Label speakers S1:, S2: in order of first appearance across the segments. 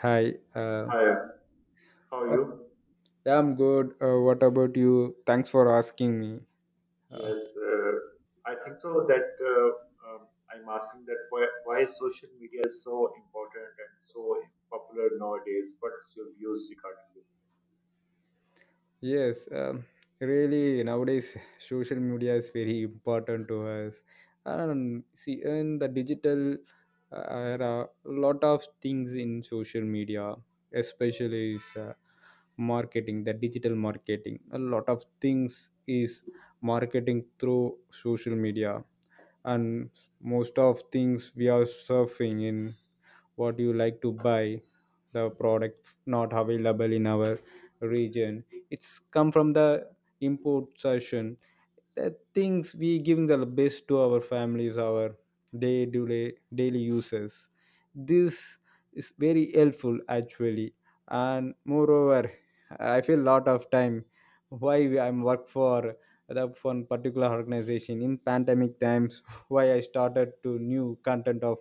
S1: Hi.
S2: Hi, how are
S1: Uh,
S2: you?
S1: I'm good. What about you? Thanks for asking me. Uh,
S2: Yes, uh, I think so that uh, I'm asking that why social media is so important and so popular nowadays. What's your views regarding this?
S1: yes, really, nowadays social media is very important to us. And see, in the digital era, a lot of things in social media, especially is marketing, the digital marketing. A lot of things is marketing through social media, and most of things we are surfing in what you like to buy, the product not available in our region, it's come from the import session, the things we giving the best to our families, our day to day daily uses, this is very helpful actually. And moreover, I feel lot of time why I'm work for the one particular organization in pandemic times why I started to new content of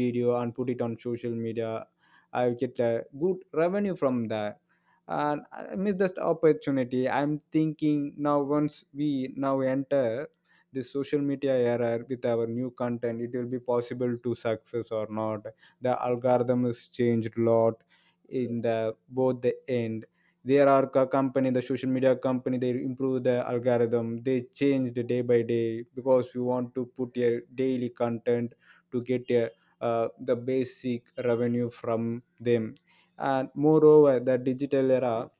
S1: video and put it on social media, I get a good revenue from that. And I miss that opportunity, I'm thinking now once we now enter this social media era with our new content it will be possible to success or not. The algorithm has changed a lot in
S2: Yes,
S1: the both the end. There are company, the social media company, they improve the algorithm, they change the day by day because we want to put a daily content to get a the basic revenue from them. And moreover the digital era,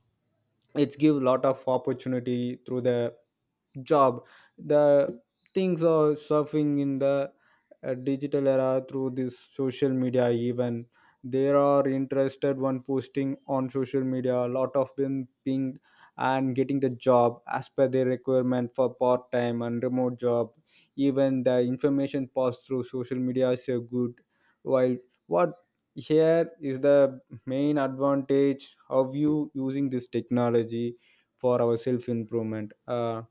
S1: it's give lot of opportunity through the job, the things are surfing in the digital era through this social media. Even there are interested one posting on social media a lot of them pinged and getting the job as per their requirement for part-time and remote job. Even the information passed through social media is a good while. What here is the main advantage of you using this technology for our self improvement,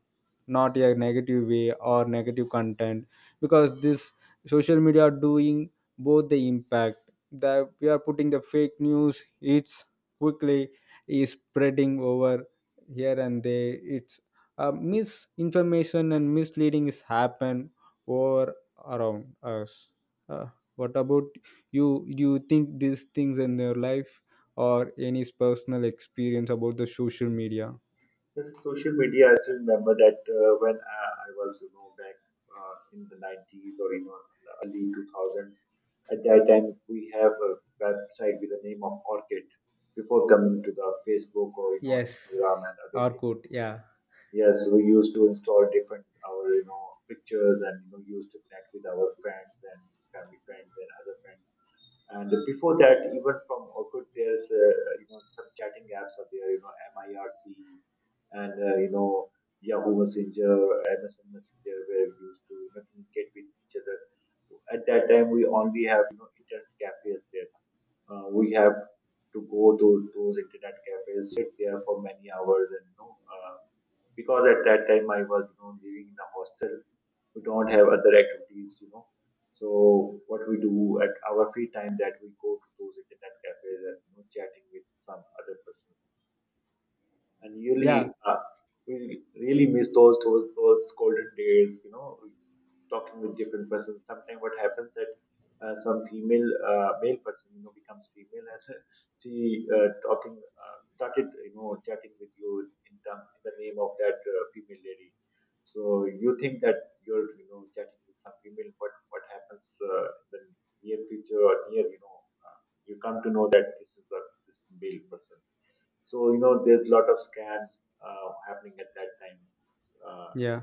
S1: not a negative way or negative content, because this social media are doing both the impact. That we are putting the fake news, it's quickly is spreading over here and there. It's misinformation and misleading is happen over around us. uh, what about you, do you think these things in your life or any personal experience about the social media?
S2: this is social media. I still remember that when I was, you know, back in the 90s, or you know, the early 2000s. At that time, we have a website with the name of Orchid before coming to the Facebook, or you know,
S1: Yes,
S2: Instagram and other
S1: or
S2: things.
S1: good, yeah.
S2: Yes, we used to install different our you know pictures and you know used to connect with our friends and family friends and other friends. And before that, even from Orkut, there's you know some chatting apps are there, you know MIRC and you know Yahoo Messenger, MSN Messenger, where we used to you know, communicate with each other. At that time, we only have you know internet cafes there. We have to go to those internet cafes, sit there for many hours, and you know. Because at that time I was you know living in a hostel. We don't have other activities, you know. So what we do at our free time that we go to those internet cafes and you know, chatting with some other persons. And
S1: Yeah,
S2: really, we really miss those golden days, you know, talking with different persons. Sometimes what happens that some female male person you know becomes female as a, she talking started you know chatting with you in the name of that female lady. So you think that you're you know chatting with some female, but what happens in the near future or near you know uh, you come to know that this is the this male person. So you know there's a lot of scams happening at that time. uh,
S1: yeah.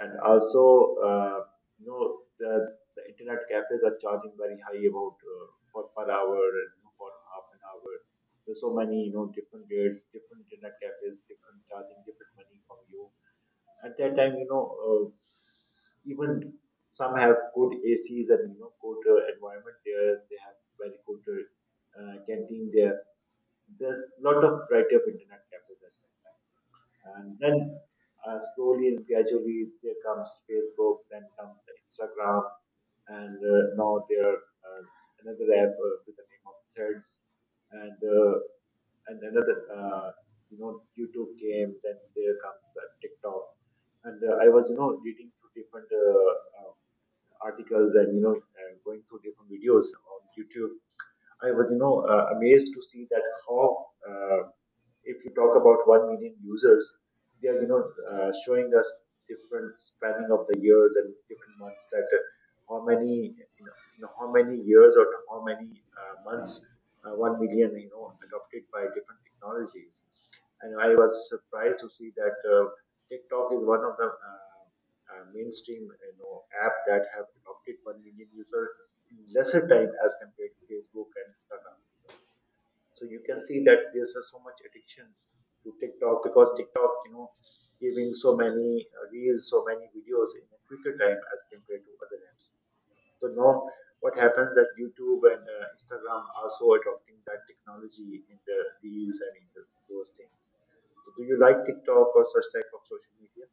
S2: and also, uh, you know, the, the internet cafes are charging very high about for per hour and you know, for half an hour, there's so many you know different rates, different internet cafes, different charging different money from you at that time, you know. Even some have good acs and you know good environment there, they have very good canteen there. There's a lot of variety of internet cafes at that time. And then slowly and gradually there comes Facebook, then comes the Instagram, and now there are another app with the name of Threads, and uh, and another you know YouTube came. Then there comes TikTok, and I was you know reading through different uh, articles and you know going through different videos on YouTube. I was you know amazed to see that how if you talk about 1 million users, they are you know showing us different spanning of the years and different months, that how many you know how many years or how many months 1 million you know adopted by different technologies, and I was surprised to see that. TikTok is one of the mainstream you know app that have adopted 1 million users in lesser time as compared to Facebook and Instagram. So you can see that there's so much addiction to TikTok, because TikTok, you know, giving so many reels, so many videos in a quicker time as compared to other apps. So now what happens that YouTube and Instagram are so adopting that technology in the reels and those things. So do you like TikTok or such type of social media?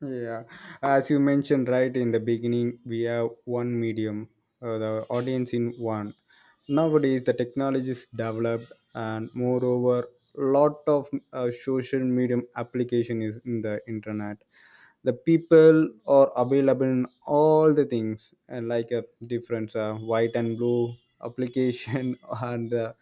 S1: Yeah, as you mentioned right in the beginning, we have one medium, the audience in one. Nowadays, the technology is developed, and moreover, lot of social medium application is in the internet. The people are available in all the things, and like a different white and blue application and the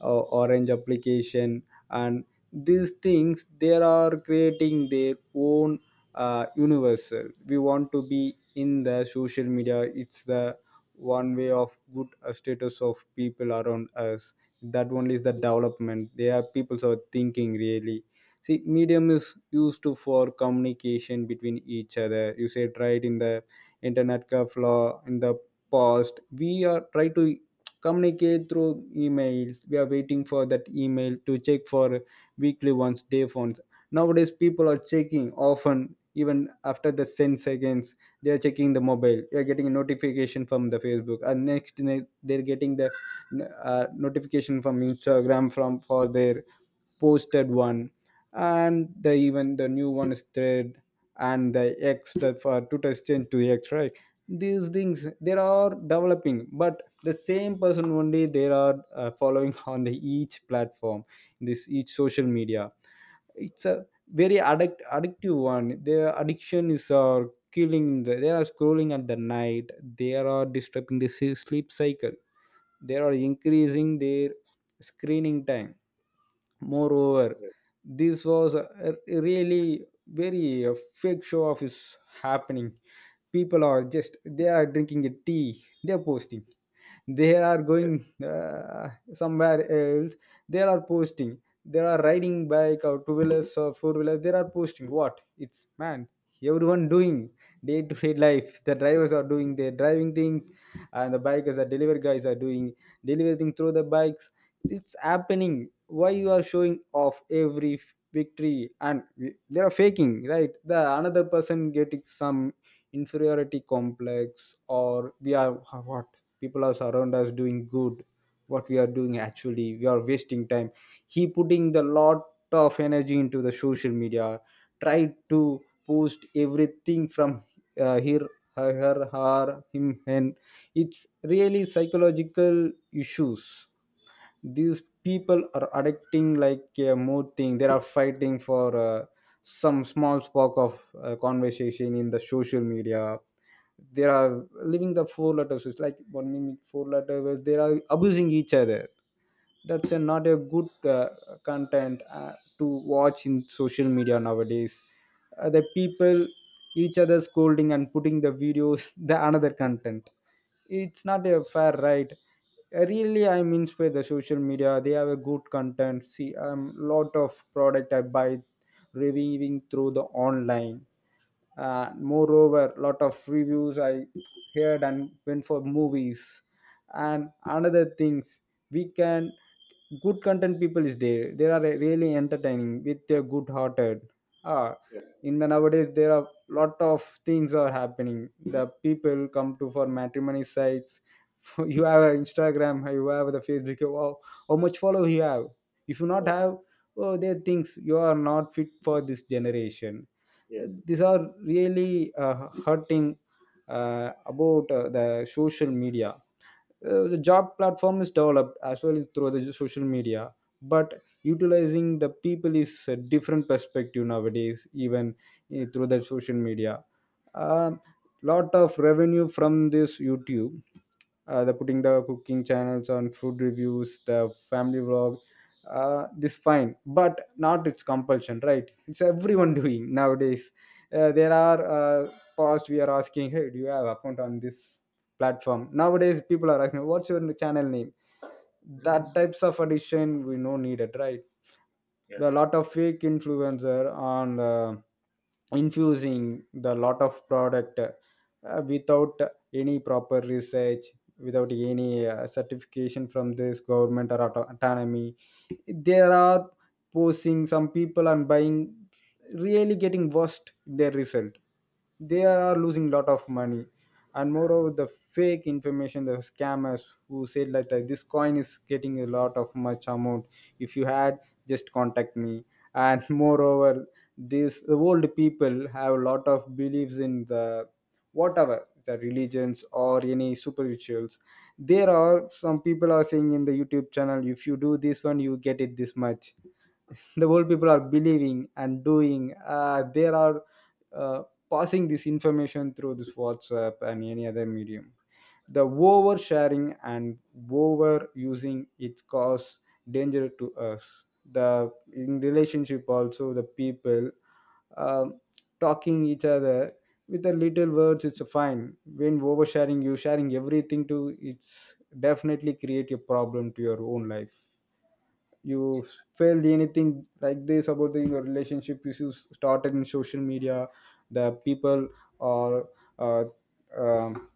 S1: orange application, and these things they are creating their own universal, we want to be in the social media, it's the one way of good status of people around us, that only is the development they are people's are thinking really. See, medium is used to for communication between each other, you said right in the internet cafe law. In the past we are try to communicate through emails, we are waiting for that email to check for weekly once, day once. Nowadays people are checking often even after the 10 seconds, they are checking the mobile, they are getting a notification from the Facebook and next they're getting the notification from Instagram from for their posted one. And the even the new one is thread and the extra for Twitter change to X, right? These things they are developing but the same person only they are following on the each platform, this each social media, it's a very addictive one. Their addiction is killing. They are scrolling at the night. They are disturbing the sleep cycle. They are increasing their screening time. Moreover,
S2: Yes.
S1: this was a really very fake show off is happening. People are just they are drinking a tea. They are posting, they are
S2: Yes.
S1: going somewhere else, they are posting, they are riding bike or two wheelers or four wheelers, they are posting what it's man, everyone doing day to day life, the drivers are doing their driving things and the bikers, the delivery guys are doing delivering through the bikes, it's happening. Why you are showing off every victory? And they are faking right, the another person getting some inferiority complex or we are what? People are around us doing good, what we are doing actually we are wasting time. He putting the lot of energy into the social media, tried to post everything from here, her him, and it's really psychological issues. These people are addicting like a more thing, they are fighting for some small spark of conversation in the social media, they are living the four letters, it's like one minute four letter words they are abusing each other. Not a good content to watch in social media nowadays. The people each other scolding and putting the videos the another content, it's not a fair right. Really I'm inspired by the social media, they have a good content. See, lot of product I buy reviewing through the online. Moreover lot of reviews I heard and went for movies and another things we can, good content people is there, they are really entertaining with their good hearted, ah.
S2: Yes.
S1: In the nowadays there are lot of things are happening. The people come to for matrimony sites you have an Instagram, you have the Facebook, wow, how much follow you have? If you not
S2: Yes.
S1: have, oh they thinks you are not fit for this generation. These are really hurting about the social media. The job platform is developed as well as through the social media, but utilizing the people is a different perspective nowadays. Even through the social media, um, lot of revenue from this YouTube. The putting the cooking channels on food reviews, the family vlog, this fine but not its compulsion right, it's everyone doing nowadays. There are uh, past we are asking hey do you have account on this platform. Nowadays, people are asking, "What's your channel name?" That
S2: Yes.
S1: types of addition we no needed, right? There are a
S2: Yes.
S1: lot of fake influencer on infusing the lot of product without any proper research, without any certification from this government or autonomy. There are posing, some people are buying really getting worst their result, they are losing lot of money. And moreover, the fake information, the scammers who said like that this coin is getting a lot of much amount, if you had just contact me. And moreover these the old people have a lot of beliefs in the whatever the religions or any spirituals, there are some people are saying in the YouTube channel if you do this one you get it this much. The old people are believing and doing they are uh, passing this information through this WhatsApp and any other medium. The oversharing and overusing it cause danger to us. The in relationship also the people, um, talking each other with a little words it's fine, when oversharing you sharing everything to it's definitely create a problem to your own life. You felt anything like this about the, your relationship which you started in social media? The people are uh, um,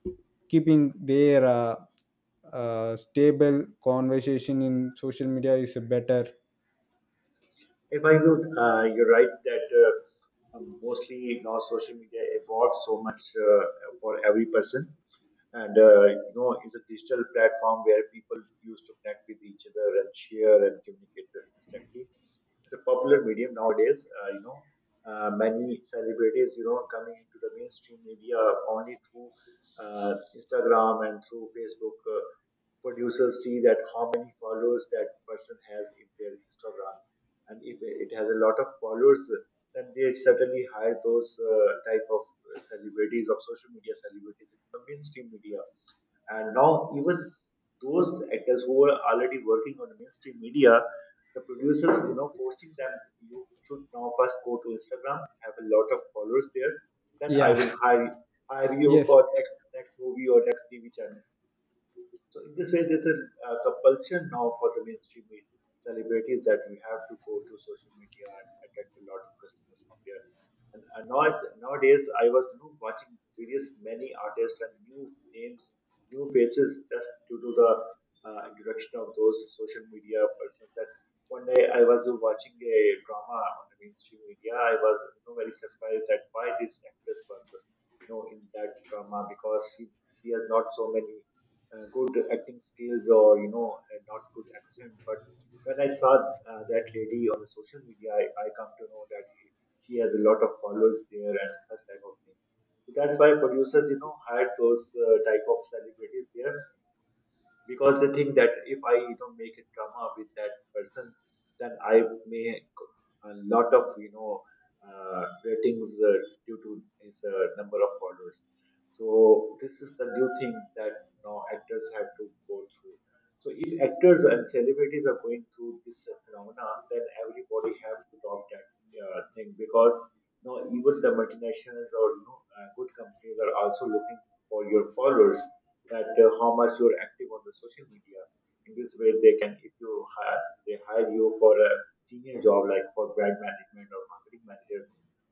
S1: keeping their stable conversation in social media is better.
S2: If I would, you're right that mostly now social media evolved so much for every person, and you know, it's a digital platform where people used to connect with each other and share and communicate instantly. It's a popular medium nowadays. You know, many celebrities, you know, coming into the mainstream media only through Instagram and through Facebook. Producers see that how many followers that person has in their Instagram, and if it has a lot of followers, then they certainly hire those type of celebrities of social media, celebrities into the mainstream media. And now even those actors who are already working on the mainstream media, the producers you know forcing them, you should now first go to Instagram, have a lot of followers there, then I
S1: Yeah.
S2: will hire you
S1: Yes.
S2: for next movie or next TV channel. So in this way, there's a, compulsion now for the mainstream media celebrities, that we have to go to social media and attract a lot of customers from there. And now it's, nowadays, I was you know, watching various many artists and new names, new faces, just due to the introduction of those social media persons. That one day I was watching a drama on the mainstream media. I was you know, very surprised that why this actress was you know in that drama, because she has not so many good acting skills or you know, and not good accent, but when I saw that lady on the social media, I come to know that she has a lot of followers there and such type of thing. So that's why producers you know hire those type of celebrities there, because they think that if I you know make a drama with that person, then I may a lot of you know ratings due to his number of followers. So this is the new thing that now actors have to go through. So if actors and celebrities are going through this phenomena, then everybody have to adopt that thing, because you know even the multinationals or you know good companies are also looking for your followers, that how much you're active on the social media. In this way, they can if you hire they hire you for a senior job like for brand management or marketing manager,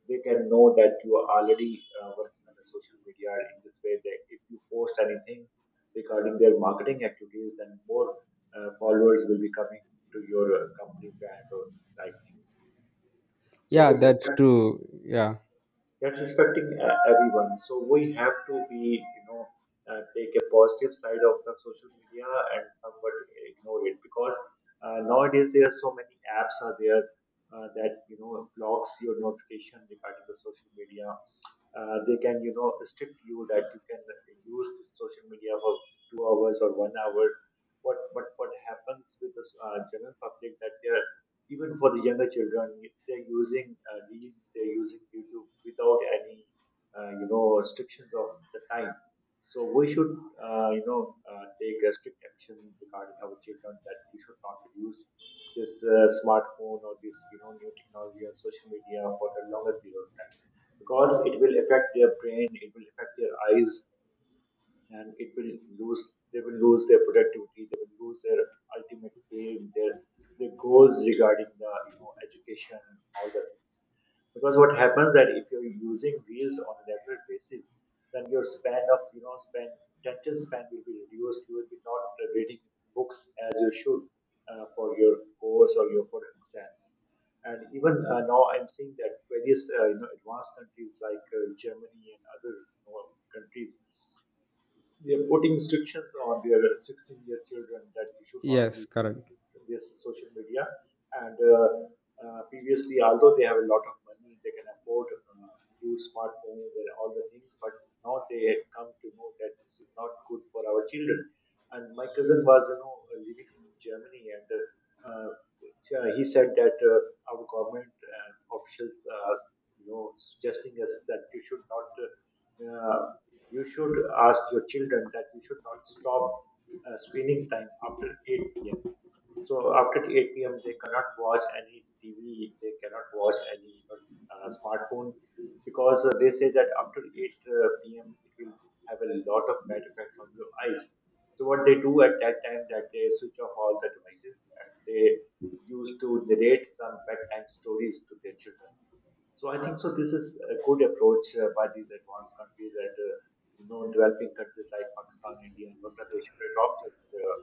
S2: they can know that you are already working on the social media. In this way, that if you post anything regarding their marketing activities, then more followers will be coming to your company brand or like things. So
S1: Yeah,
S2: it's
S1: that's true, yeah.
S2: that's affecting everyone. So we have to be, you know, take a positive side of the social media and somewhat ignore it, because nowadays there are so many apps are there, that you know blocks your notification regarding the social media. They can you know restrict you, that you can use this social media for 2 hours or 1 hour. What what happens with the general public, that they're even for the younger children, they're using reels, they're using YouTube without any you know restrictions of the time. So we should you know take a strict action regarding our children, that we should not use this smartphone or this you know new technology or social media for a longer period of time, because it will affect their brain, it will affect their eyes, and it will lose they will lose their productivity, they will lose their ultimate aim, their goals regarding the you know education, all the things. Because what happens that if you're using wheels on a regular basis, then your span of you know span attention span will be reduced, you will be not reading books as you should for your course or your for exams. And even now I'm seeing that various you know advanced countries like Germany and other you know countries, they're putting restrictions on their 16-year children, that you should not
S1: Yes,
S2: use
S1: correct.
S2: this social media. And previously, although they have a lot of money, they can afford uh, huge smartphones and all the things, but now they have come to know that this is not good for our children. And my cousin was, you know, living in Germany, and yeah, he said that our government officials are, you know, suggesting us that you should not. Uh, you should ask your children that you should not stop screening time after 8 p.m. So after 8 p.m., they cannot watch any TV, they cannot watch any you know, smartphone, because they say that after 8 p.m., it will have a lot of bad effect on your eyes. So what they do at that time that they switch off all the devices and they used to narrate some bedtime stories to their children. So I think so. This is a good approach by these advanced countries and developing countries like Pakistan, India, and Bangladesh should adopt such uh,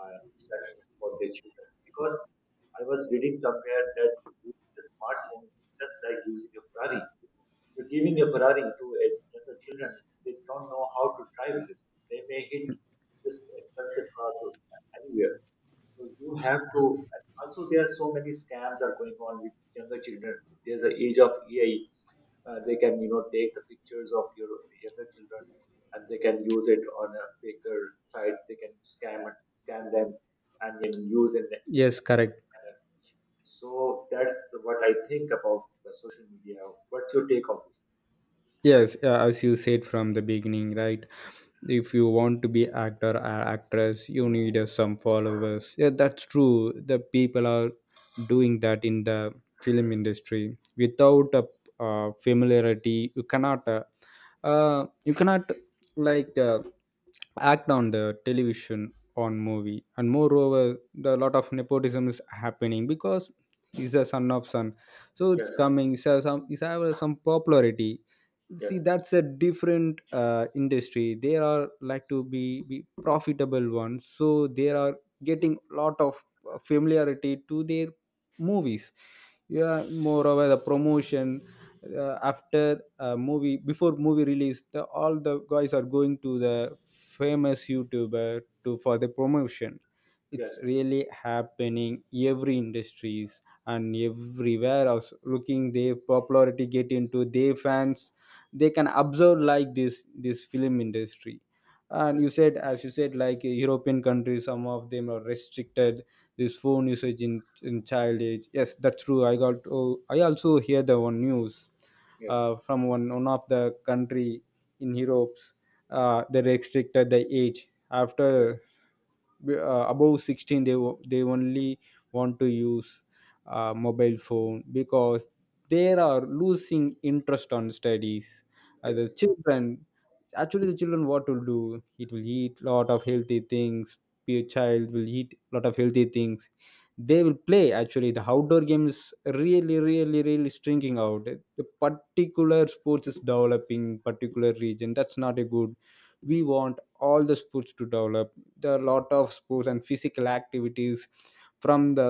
S2: uh, steps for their children. Because I was reading somewhere that using a smartphone is just like using a Ferrari. You're giving a Ferrari to a younger children. They don't know how to drive this. They may hit this expensive car to anywhere. So you have to. And Also, there are so many scams are going on with younger children. There's an age of AI. They can take the pictures of your younger children and they can use it on a faker sites. They can scam it, scam them and then use in the, in
S1: Yes,
S2: the
S1: correct.
S2: negative manner. So that's what I think about the social media. What's your take on this?
S1: Yes, as you said from the beginning right, if you want to be actor or actress you need some followers, yeah that's true, the people are doing that in the film industry. Without a familiarity you cannot like act on the television on movie. And moreover, the lot of nepotism is happening because he's a son of son, so it's
S2: Yes,
S1: coming so some he's have some popularity. See
S2: yes,
S1: that's a different industry, they are like to be profitable ones, so they are
S2: yes,
S1: getting lot of familiarity to their movies. Yeah moreover the promotion, after a movie before movie release the, all the guys are going to the famous YouTuber to for the promotion, it's
S2: yes,
S1: really happening every industries and everywhere else looking their popularity get into their fans. They can observe like this film industry. And you
S2: yes,
S1: said, as you said, like European countries some of them are restricted this phone usage in child age, yes that's true, I got oh, I also hear the one news
S2: yes,
S1: from one of the country in Europe. They restricted the age
S2: yes,
S1: after uh, above 16 they they only want to use mobile phone because they are losing interest on studies. The
S2: yes,
S1: children, actually the children what will do, it will eat lot of healthy things. Be a child will eat lot of healthy things, they will play, actually the outdoor game is really really really Stringing out, the particular sports is developing particular region, that's not a good. We want all the sports to develop. There are a lot of sports and physical activities from the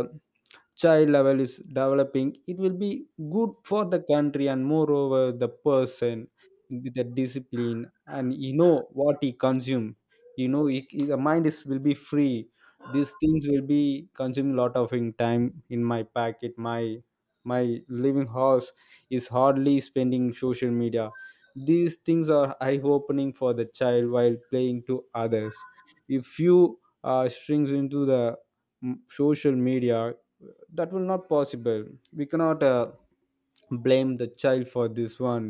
S1: child level is developing, it will be good for the country, and moreover the person with the discipline. And you know what he consume, you know the mind is will be free. These things will be consuming lot of in time in my packet, my living house is hardly spending social media. These things are eye opening for the child while playing to others. If you strings into the mm, social media, that will not possible. We cannot blame the child for this one.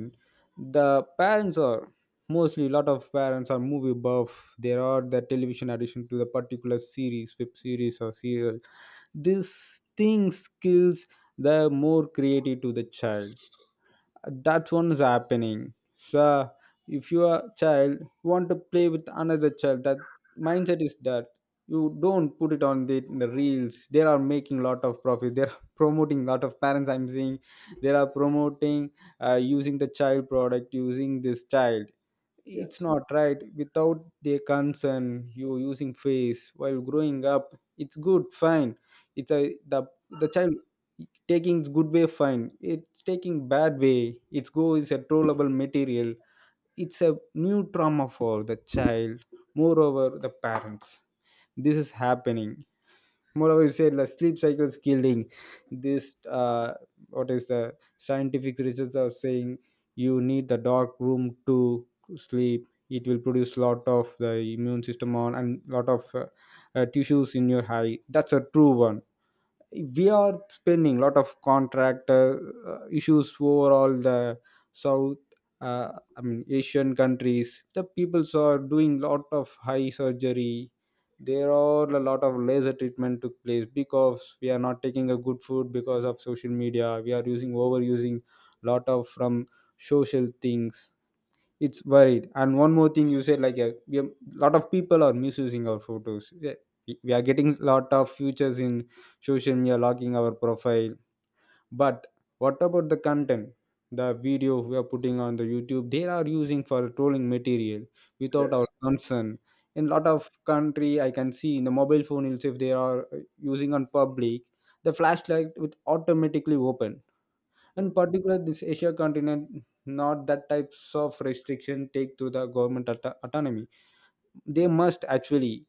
S1: The parents are mostly, lot of parents are movie buff. There are the television addition to the particular series, web series or serial. These things kills the more creative to the child. That one is happening. So if you are child want to play with another child, that mindset is that you don't put it on in the reels. They are making lot of profit, they're promoting lot of parents, I'm seeing. They are promoting, using the child product, using this child. It's
S2: yes,
S1: not right without their concern you using face. While growing up it's good, fine. It's a the the child taking good way, fine. It's taking bad way, its go is a trollable material. It's a new trauma for the child. Moreover the parents, this is happening. Moreover you said the sleep cycle is killing this. uh, what is the scientific research are saying, you need the dark room to sleep. It will produce lot of the immune system on and lot of tissues in your eye. That's a true one. We are spending a lot of contract issues overall the south. uh, I mean Asian countries, the peoples are doing lot of high surgery. There are a lot of laser treatment took place because we are not taking a good food. Because of social media we are using, overusing lot of from social things. It's varied. And one more thing you said like a we have, lot of people are misusing our photos. Yeah, we are getting lot of features in social media logging our profile. But what about the content? The video we are putting on the YouTube, they are using for trolling material without our
S2: yes.
S1: concern. In lot of country I can see in the mobile phone itself they are using on public the flashlight with automatically open. In
S2: Hmm.
S1: particular, this Asia continent, not that types of restriction take to the government autonomy. They must actually,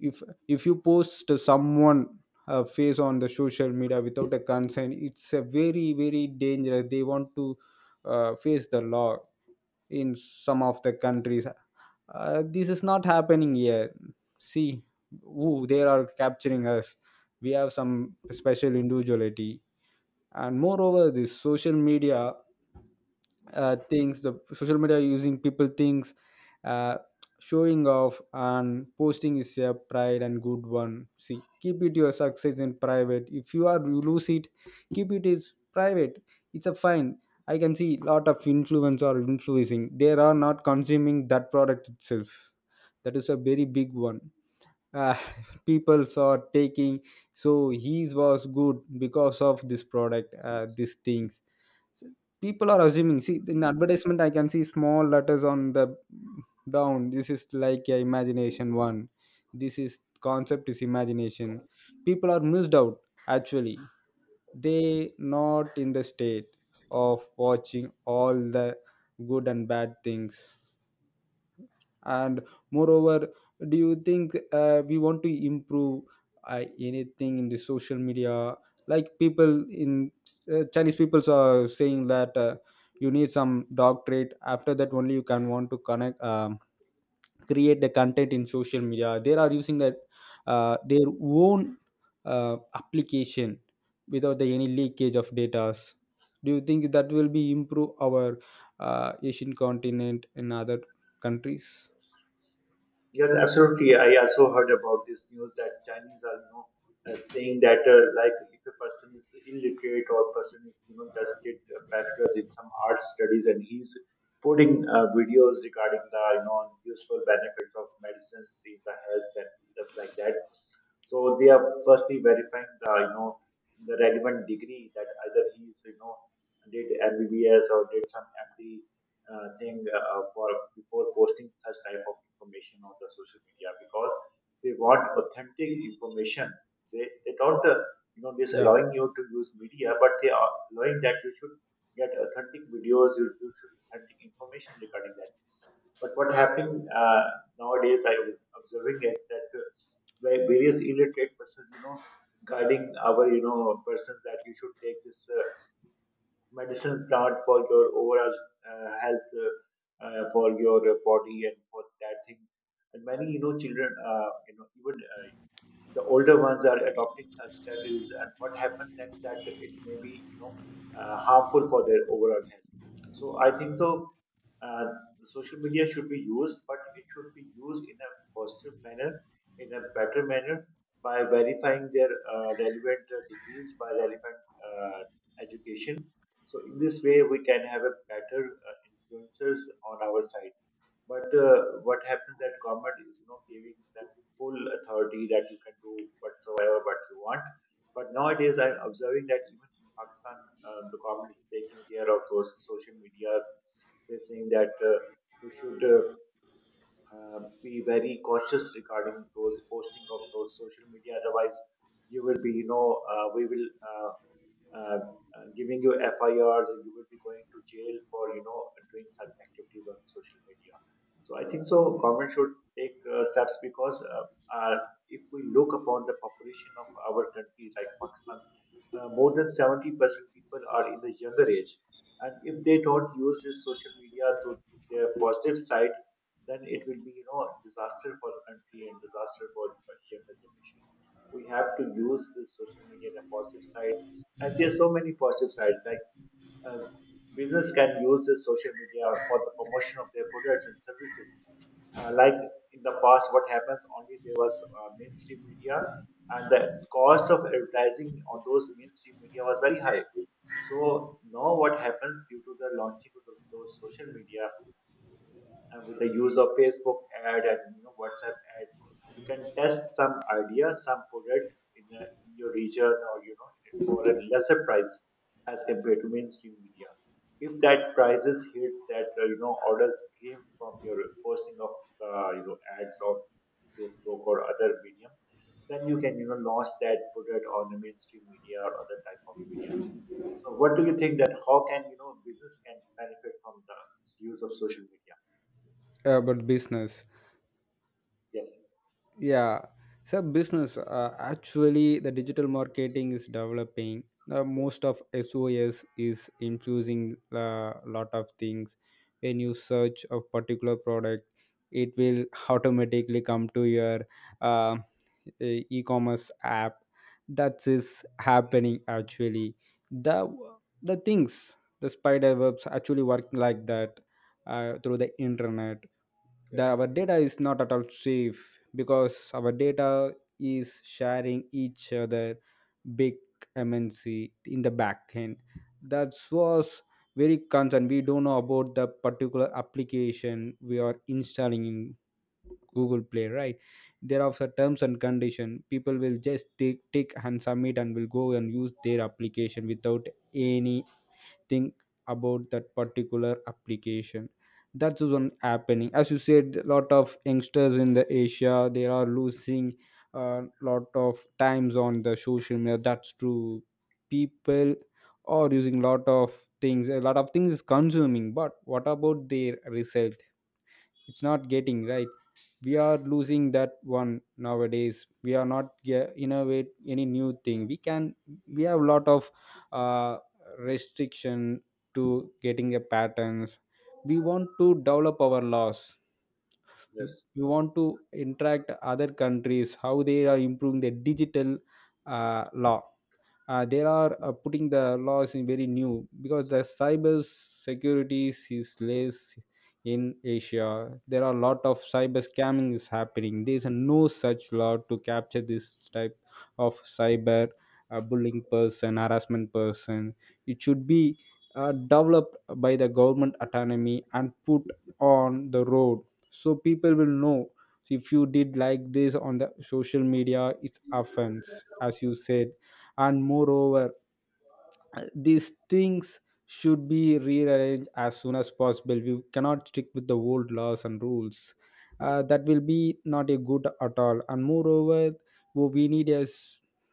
S1: if if you post someone a face on the social media without a consent, it's a very very dangerous. They want to face the law in some of the countries. This is not happening here. See, ooh, they are capturing us. We have some special individuality, and moreover the social media things, the social media using people things, uh, showing off and posting is a pride and good one. See, keep it your success in private. If you are you lose it, keep it is private, it's a fine. I can see lot of influence or influencing, they are not consuming that product itself. That is a very big one. uh, Peoples are taking, so his was good because of this product, these things. So people are assuming, see in advertisement I can see small letters on the down, this is like a imagination one. This is concept is imagination. People are missed out, actually they not in the state of watching all the good and bad things. And moreover, do you think we want to improve anything in the social media? Like people in Chinese people are saying that you need some doctorate, after that only you can want to connect, create the content in social media. They are using that their own application without any leakage of data. Do you think that will be improve our Asian continent in other countries?
S2: Yes, absolutely. I also heard about this news that Chinese are, you know, saying that like if a person is illiterate or person is, you know, just did a bachelor's in some art studies and he's putting videos regarding the, you know, useful benefits of medicines in the health and just like that. So they are firstly verifying the, you know, the relevant degree that either he's, you know, did MBBS or did some MD thing, for before posting such type of information on the social media because they want authentic information. They don't you know just
S1: Yeah,
S2: allowing you to use media, but they are allowing that you should get authentic videos, you should authentic information regarding that. But what happened nowadays, I was observing it that where various illiterate persons, you know, guiding our you know persons that you should take this. Medicine plant for your overall health for your body and for that thing. And many you know children you know even the older ones are adopting such strategies and what happened next that it may be you know harmful for their overall health. So I think so. uh, the social media should be used, but it should be used in a positive manner, in a better manner, by verifying their relevant degrees, by relevant uh, education. So in this way we can have a better influences on our side. But what happens that government is you know giving them full authority that you can do whatsoever what you want. But nowadays, I'm observing that even in Pakistan, the government is taking care of those social medias. They're saying that you should be very cautious regarding those posting of those social media. Otherwise, you will be, you know, we will. Uh, giving you FIRs and you will be going to jail for you know doing such activities on social media. So I think so. Government should take steps because uh, if we look upon the population of our country like Pakistan, more than 70% people are in the younger age, and if they don't use this social media to their positive side, then it will be you know disaster for the country and disaster for the younger generation. We have to use this social media in a positive side, and there's so many positive sides. Like uh, business can use the social media for the promotion of their products and services. Like in the past, what happens only there was mainstream media, and the cost of advertising on those mainstream media was very high. So now what happens due to the launching of those social media? And with the use of Facebook ad and you know WhatsApp ad, you can test some idea, some product in, a, in your region or you know for a lesser price as compared to mainstream media. If that prices hits that you know orders came from your posting of you know ads on Facebook or other medium, then you can you know launch that product on the mainstream media or other type of media. So what do you think that how can you know business can benefit from the use of social media?
S1: about business.
S2: Yes.
S1: Yeah, so business, actually the digital marketing is developing. Most
S2: Yes.
S1: of SOS is infusing a lot of things. When you search a particular product, it will automatically come to your uh, e-commerce app. That is happening. Actually the the things, the spider webs actually work like that through the internet, that
S2: Yes.
S1: our data is not at all safe. Because our data is sharing each other, big MNC in the back end, that was very concerned. We don't know about the particular application we are installing in Google Play, right? There are some terms and condition, people will just take and submit and will go and use their application without any think about that particular application. That's one happening. As you said, a lot of youngsters in the Asia they are losing a lot of times on the social media, that's true. People are using a lot of things, a lot of things is consuming, but what about their result? It's not getting right. We are losing that one. Nowadays we are not innovate any new thing we can. We have a lot of uh, restriction to getting a patterns. We want to develop our laws.
S2: Yes.
S1: We want to interact other countries how they are improving the digital law. They are putting the laws in very new, because the cyber security is less in Asia. There are a lot of cyber scamming is happening, there is no such law to capture this type of cyber bullying person, harassment person. It should be developed by the government autonomy and put on the road, so people will know if you did like this on the social media it's offense, as you said. And moreover, these things should be rearranged as soon as possible. We cannot stick with the old laws and rules, that will be not a good at all. And moreover, what we need is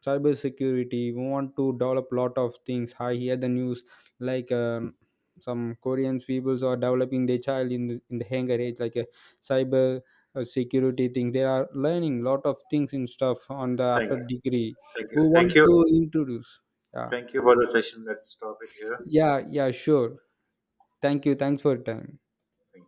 S1: cyber security. We want to develop lot of things. I hear the news like some Korean peoples are developing their child in in the younger age like a cyber security thing. They are learning lot of things in stuff on the
S2: Thank
S1: after
S2: you.
S1: degree
S2: Thank
S1: who
S2: you.
S1: want
S2: Thank
S1: to
S2: you.
S1: introduce. Yeah.
S2: Thank you for the session. Let's stop it here.
S1: Yeah, sure, thank you, thanks for your time.
S2: Thank you.